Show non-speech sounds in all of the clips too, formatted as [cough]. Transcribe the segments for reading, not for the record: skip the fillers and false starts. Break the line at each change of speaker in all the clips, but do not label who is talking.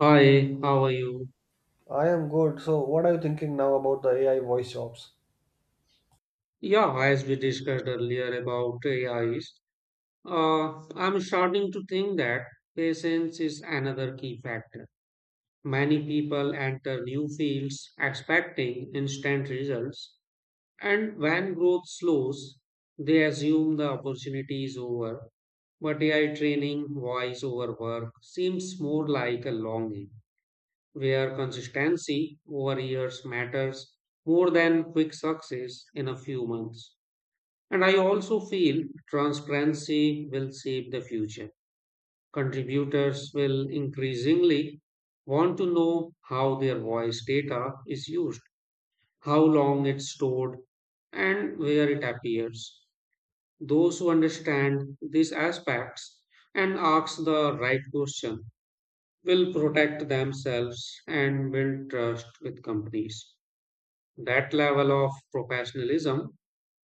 Hi, how are you?
I am good. So, what are you thinking now about the AI voice jobs?
Yeah, as we discussed earlier about AIs, I'm starting to think that patience is another key factor. Many people enter new fields expecting instant results, and when growth slows, they assume the opportunity is over. But AI training, voice over work, seems more like a longing where consistency over years matters more than quick success in a few months. And I also feel transparency will shape the future. Contributors will increasingly want to know how their voice data is used, how long it's stored, and where it appears. Those who understand these aspects and ask the right question will protect themselves and build trust with companies. That level of professionalism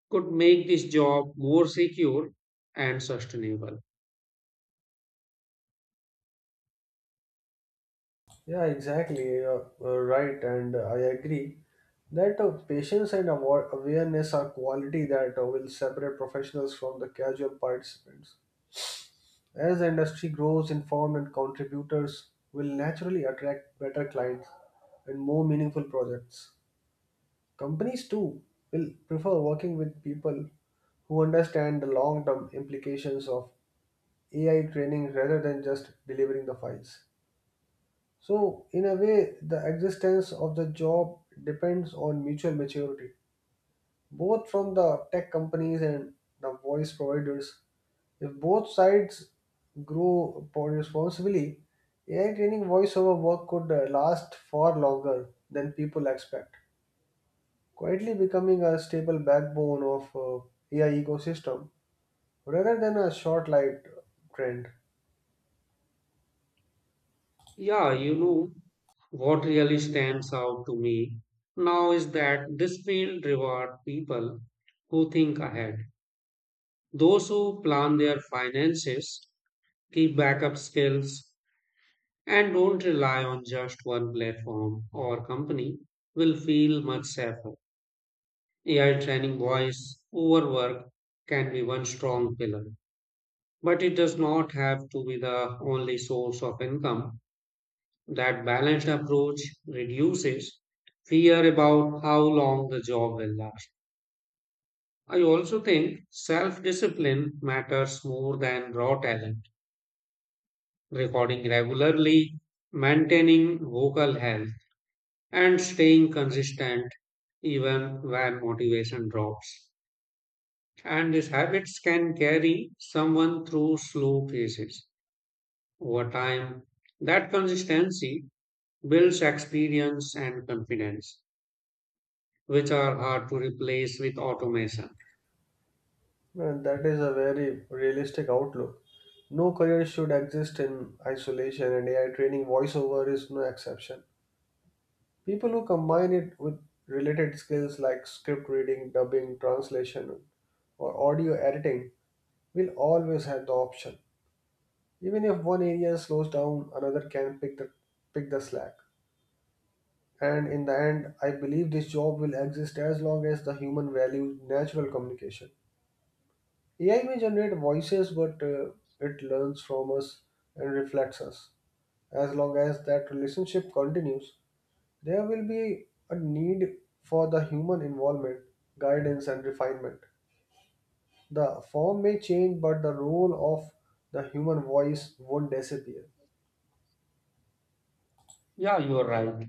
could make this job more secure and sustainable.
Yeah, exactly. Right, and I agree that patience and awareness are quality that will separate professionals from the casual participants. As the industry grows, informed and contributors will naturally attract better clients and more meaningful projects. Companies too will prefer working with people who understand the long-term implications of AI training rather than just delivering the files. So, in a way, the existence of the job depends on mutual maturity, both from the tech companies and the voice providers. If both sides grow responsibly, AI training voiceover work could last far longer than people expect, quietly becoming a stable backbone of AI ecosystem rather than a short-lived trend.
Yeah, what really stands out to me now is that this field reward people who think ahead. Those who plan their finances, keep backup skills, and don't rely on just one platform or company will feel much safer. AI training voice overwork can be one strong pillar, but it does not have to be the only source of income. That balanced approach reduces fear about how long the job will last. I also think self discipline matters more than raw talent. Recording regularly, maintaining vocal health, and staying consistent even when motivation drops. And these habits can carry someone through slow phases over time. That consistency builds experience and confidence, which are hard to replace with automation.
And that is a very realistic outlook. No career should exist in isolation, and AI training voiceover is no exception. People who combine it with related skills like script reading, dubbing, translation, or audio editing will always have the option. Even if one area slows down, another can pick the slack. And in the end, I believe this job will exist as long as the human values natural communication. AI may generate voices, but it learns from us and reflects us. As long as that relationship continues, there will be a need for the human involvement, guidance, and refinement. The form may change, but the role of the human voice won't disappear.
Yeah, you are right.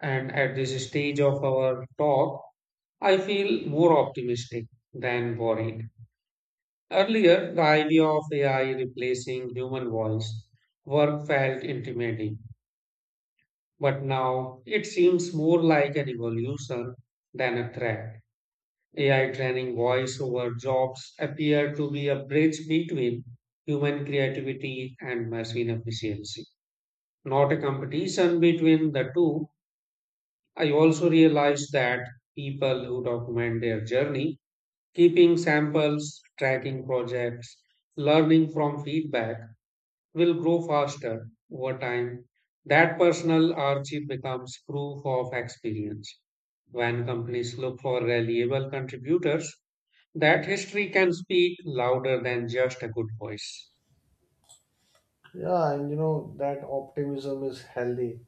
And at this stage of our talk, I feel more optimistic than worried. Earlier, the idea of AI replacing human voice work felt intimidating, but now it seems more like an evolution than a threat. AI training voiceover jobs appear to be a bridge between human creativity and machine efficiency, not a competition between the two. I also realized that people who document their journey, keeping samples, tracking projects, learning from feedback, will grow faster over time. That personal archive becomes proof of experience. When companies look for reliable contributors, that history can speak louder than just a good voice.
Yeah, and you know that optimism is healthy.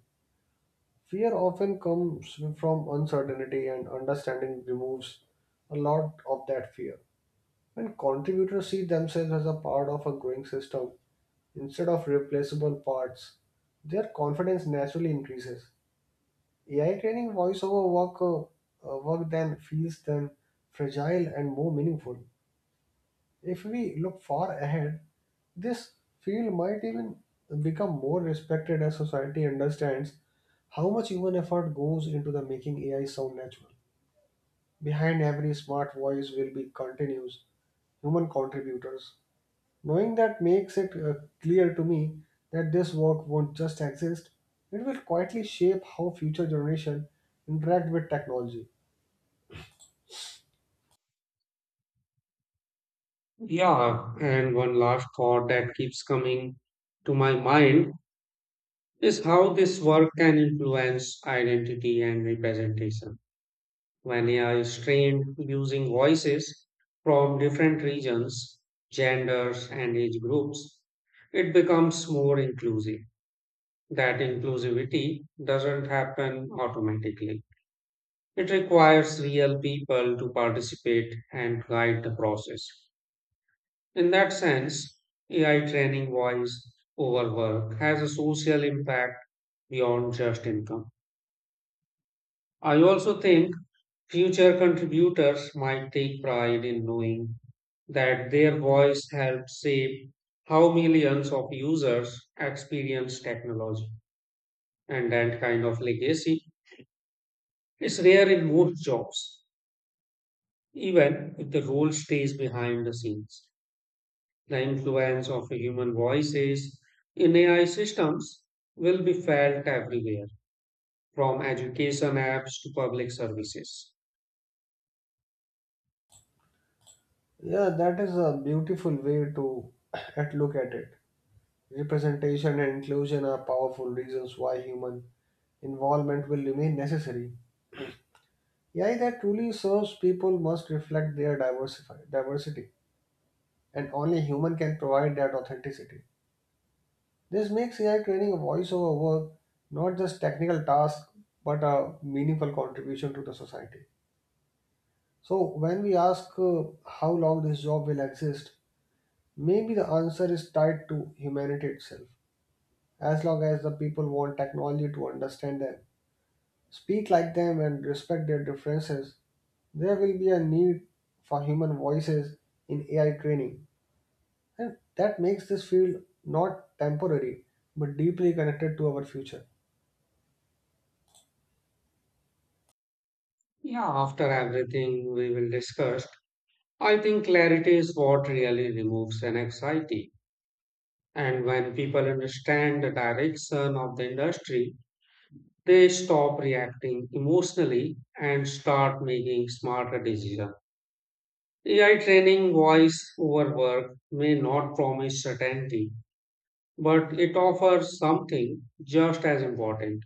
Fear often comes from uncertainty, and understanding removes a lot of that fear. When contributors see themselves as a part of a growing system instead of replaceable parts, their confidence naturally increases. AI training voiceover work then feels them fragile and more meaningful. If we look far ahead, this field might even become more respected as society understands how much human effort goes into the making AI sound natural. Behind every smart voice will be continuous human contributors. Knowing that makes it clear to me that this work won't just exist, it will quietly shape how future generations interact with technology.
Yeah, and one last thought that keeps coming to my mind is how this work can influence identity and representation. When AI is trained using voices from different regions, genders, and age groups, it becomes more inclusive. That inclusivity doesn't happen automatically. It requires real people to participate and guide the process. In that sense, AI training voice over work has a social impact beyond just income. I also think future contributors might take pride in knowing that their voice helped shape how millions of users experience technology. And that kind of legacy is rare in most jobs, even if the role stays behind the scenes. The influence of human voices in AI systems will be felt everywhere, from education apps to public services.
Yeah, that is a beautiful way to [coughs] [clears throat] at look at it. Representation and inclusion are powerful reasons why human involvement will remain necessary. AI that truly serves people must reflect their diversity, and only human can provide that authenticity. This makes AI training a voiceover work, not just technical task, but a meaningful contribution to the society. So when we ask how long this job will exist, maybe the answer is tied to humanity itself. As long as the people want technology to understand them, speak like them, and respect their differences, there will be a need for human voices in AI training. And that makes this field not temporary, but deeply connected to our future.
Yeah, after everything we will discuss, I think clarity is what really removes an anxiety. And when people understand the direction of the industry, they stop reacting emotionally and start making smarter decisions. AI training voice over work may not promise certainty, but it offers something just as important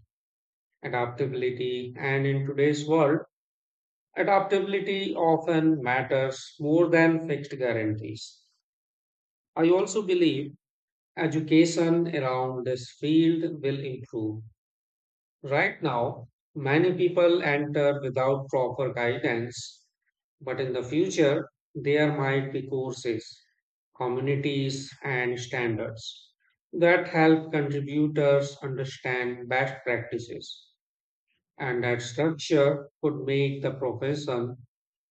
adaptability. And in today's world, adaptability often matters more than fixed guarantees. I also believe education around this field will improve. Right now, many people enter without proper guidance, but in the future, there might be courses, communities, and standards that help contributors understand best practices. And that structure could make the profession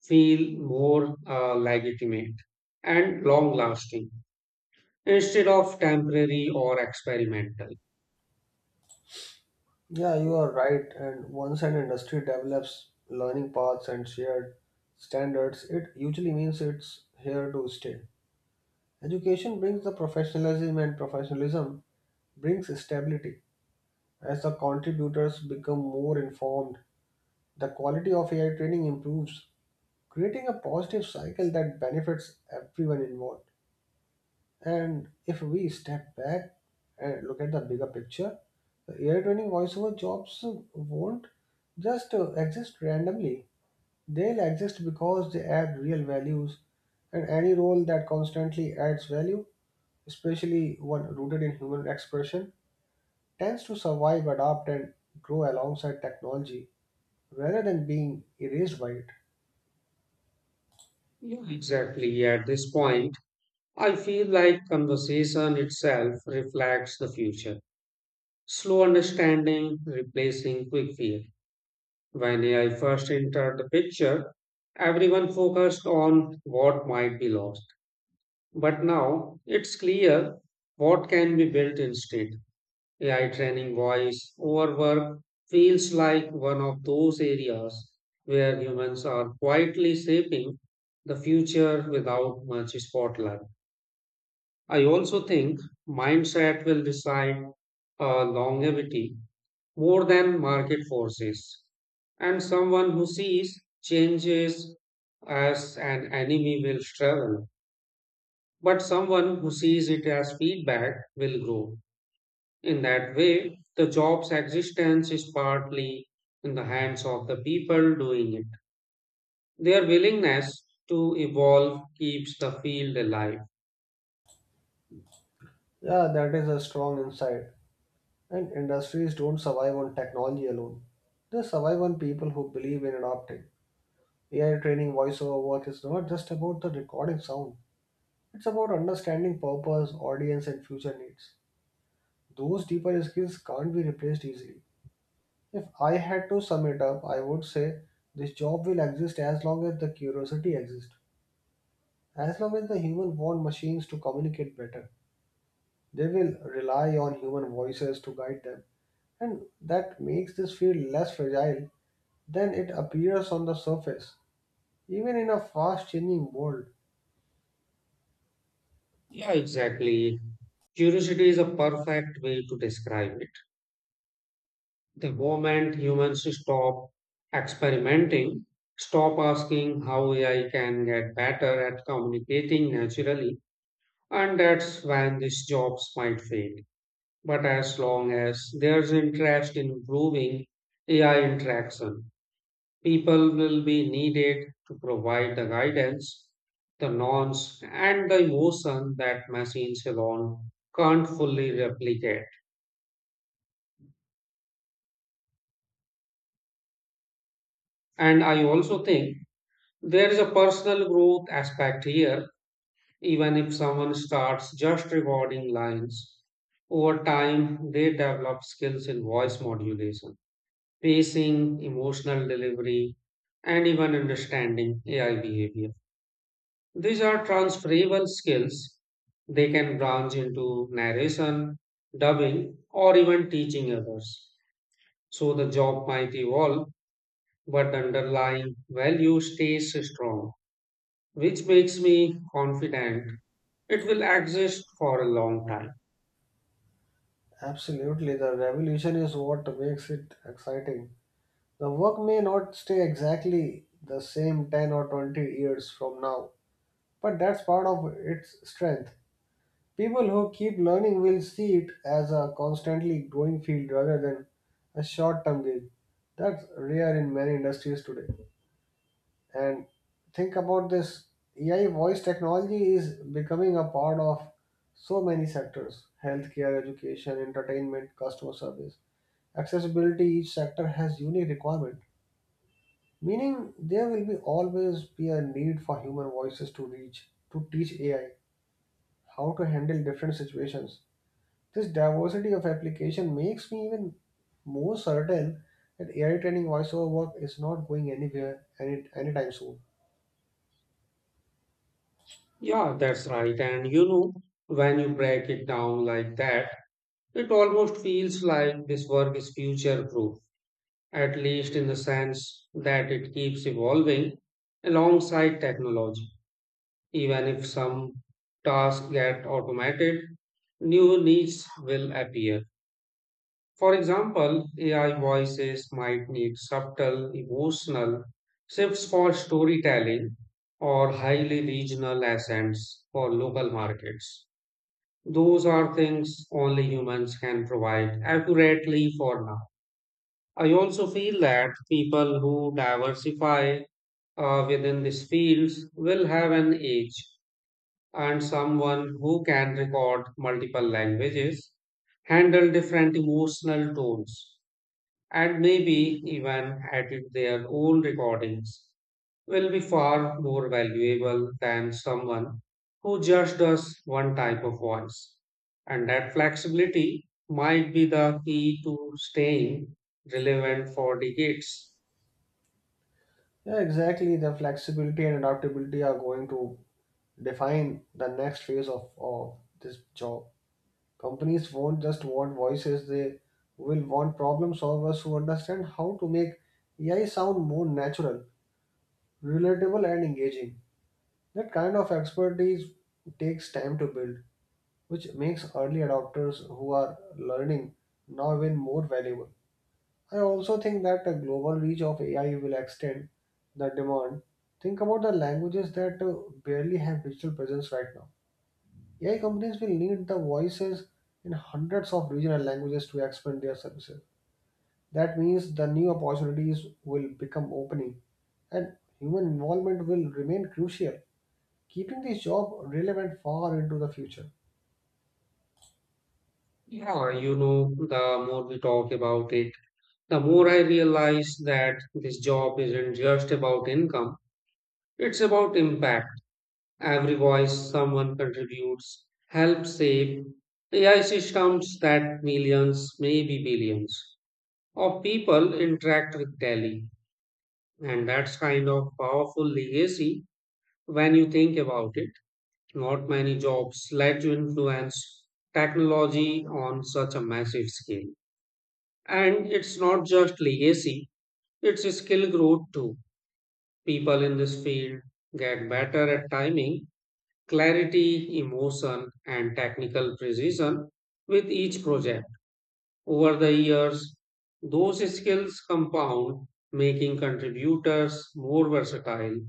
feel more legitimate and long lasting instead of temporary or experimental.
Yeah, you are right. And once an industry develops learning paths and shared standards, it usually means it's here to stay. Education brings the professionalism, and professionalism brings stability. As the contributors become more informed, the quality of AI training improves, creating a positive cycle that benefits everyone involved. And if we step back and look at the bigger picture, the AI training voiceover jobs won't just exist randomly. They'll exist because they add real values, and any role that constantly adds value, especially one rooted in human expression, tends to survive, adapt, and grow alongside technology rather than being erased by it.
Yeah, exactly. At this point, I feel like conversation itself reflects the future. Slow understanding replacing quick fear. When AI first entered the picture, everyone focused on what might be lost. But now it's clear what can be built instead. AI training voice overwork feels like one of those areas where humans are quietly shaping the future without much spotlight. I also think mindset will decide longevity more than market forces. And someone who sees changes as an enemy will struggle, but someone who sees it as feedback will grow. In that way, the job's existence is partly in the hands of the people doing it. Their willingness to evolve keeps the field alive.
Yeah, that is a strong insight. And industries don't survive on technology alone. They survive on people who believe in adopting. AI training voiceover work is not just about the recording sound, it's about understanding purpose, audience, and future needs. Those deeper skills can't be replaced easily. If I had to sum it up, I would say this job will exist as long as the curiosity exists. As long as the human want machines to communicate better, they will rely on human voices to guide them. And that makes this field less fragile than it appears on the surface. Even in a fast changing world,
Yeah, exactly. Curiosity is a perfect way to describe it. The moment humans stop experimenting, stop asking how AI can get better at communicating naturally, and that's when these jobs might fade. But as long as there's interest in improving AI interaction, people will be needed to provide the guidance, the norms, and the emotion that machines alone can't fully replicate. And I also think there is a personal growth aspect here, even if someone starts just recording lines. Over time, they develop skills in voice modulation, pacing, emotional delivery, and even understanding AI behavior. These are transferable skills. They can branch into narration, dubbing, or even teaching others. So the job might evolve, but the underlying value stays strong, which makes me confident it will exist for a long time.
absolutely the revolution is what makes it exciting. The work may not stay exactly the same 10 or 20 years from now, but that's part of its strength. People who keep learning will see it as a constantly growing field rather than a short term gain. That's rare in many industries today. And think about this, AI voice technology is becoming a part of so many sectors: healthcare, education, entertainment, customer service. Accessibility each sector has unique requirement, meaning there will be always be a need for human voices to reach to teach AI how to handle different situations. This diversity of application makes me even more certain that AI training voiceover work is not going anywhere anytime soon.
Yeah, that's right. And when you break it down like that, it almost feels like this work is future proof, at least in the sense that it keeps evolving alongside technology. Even if some tasks get automated, new needs will appear. For example, AI voices might need subtle emotional shifts for storytelling or highly regional accents for local markets. Those are things only humans can provide accurately for now. I also feel that people who diversify within these fields will have an edge, and someone who can record multiple languages, handle different emotional tones, and maybe even edit their own recordings will be far more valuable than someone who just does one type of voice. And that flexibility might be the key to staying relevant for decades.
Yeah, exactly. The flexibility and adaptability are going to define the next phase of this job. Companies won't just want voices, they will want problem solvers who understand how to make AI sound more natural, relatable, and engaging. That kind of expertise takes time to build, which makes early adopters who are learning now even more valuable. I also think that the global reach of AI will extend the demand. Think about the languages that barely have digital presence right now. AI companies will need the voices in hundreds of regional languages to expand their services. That means the new opportunities will become opening and human involvement will remain crucial, keeping this job relevant far into the future.
Yeah, the more we talk about it, the more I realize that this job isn't just about income, it's about impact. Every voice someone contributes helps save AI systems that millions, maybe billions of people interact with Delhi. And that's kind of powerful legacy when you think about it. Not many jobs let you influence technology on such a massive scale. And it's not just legacy, it's a skill growth too. People in this field get better at timing, clarity, emotion, and technical precision with each project. Over the years, those skills compound, making contributors more versatile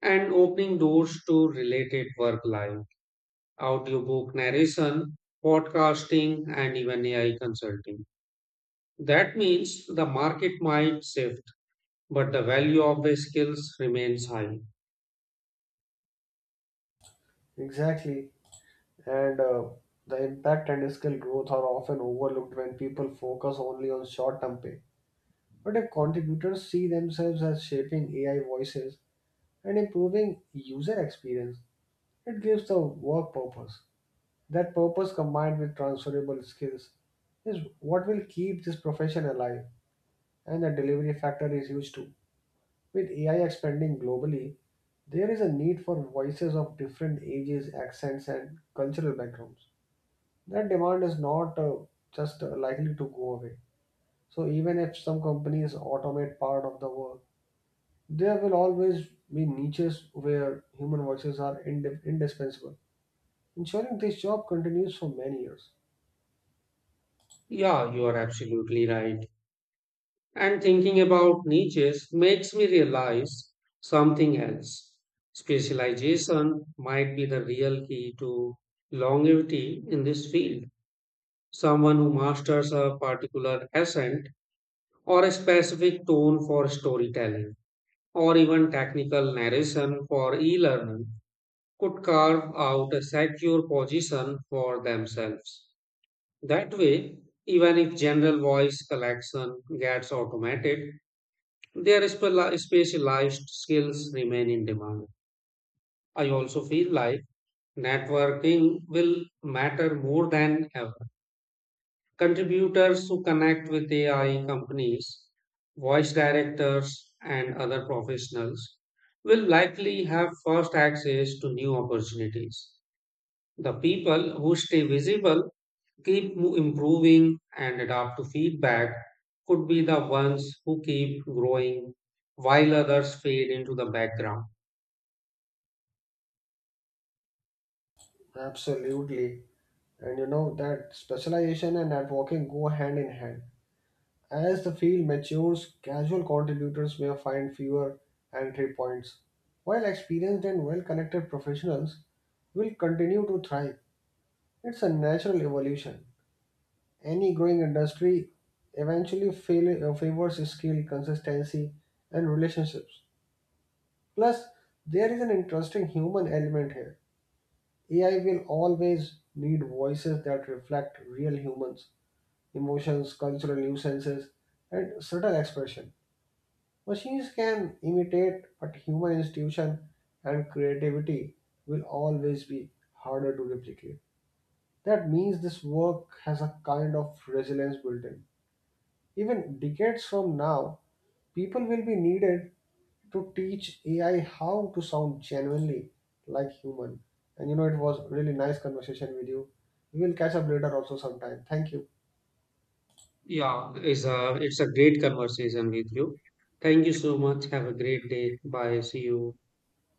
and opening doors to related work like audiobook narration, podcasting, and even AI consulting. That means the market might shift, but the value of the skills remains high.
Exactly. And the impact and skill growth are often overlooked when people focus only on short term pay. But if contributors see themselves as shaping AI voices and improving user experience, it gives the work purpose. That purpose combined with transferable skills is what will keep this profession alive, and the delivery factor is huge too. With AI expanding globally, there is a need for voices of different ages, accents, and cultural backgrounds. That demand is not just likely to go away. So, even if some companies automate part of the work, there will always be niches where human voices are indispensable, ensuring this job continues for many years.
Yeah, you are absolutely right. And thinking about niches makes me realize something else. Specialization might be the real key to longevity in this field. Someone who masters a particular accent or a specific tone for storytelling or even technical narration for e learning could carve out a secure position for themselves. That way, even if general voice collection gets automated, their specialized skills remain in demand. I also feel like networking will matter more than ever. Contributors who connect with AI companies, voice directors, and other professionals will likely have first access to new opportunities. The people who stay visible keep improving and adapt to feedback could be the ones who keep growing while others fade into the background.
Absolutely. And you know that specialization and networking go hand in hand. As the field matures, casual contributors may find fewer entry points, while experienced and well connected professionals will continue to thrive. It's a natural evolution. Any growing industry eventually favors skill, consistency, and relationships. Plus, there is an interesting human element here. AI will always need voices that reflect real humans, emotions, cultural nuances, and subtle expression. Machines can imitate, but human institution and creativity will always be harder to replicate. That means this work has a kind of resilience built in. Even decades from now, people will be needed to teach AI how to sound genuinely like human. And you know, it was really nice conversation with you. We will catch up later also sometime. Thank you.
Yeah, it's a great conversation with you. Thank you so much. Have a great day. Bye. See you.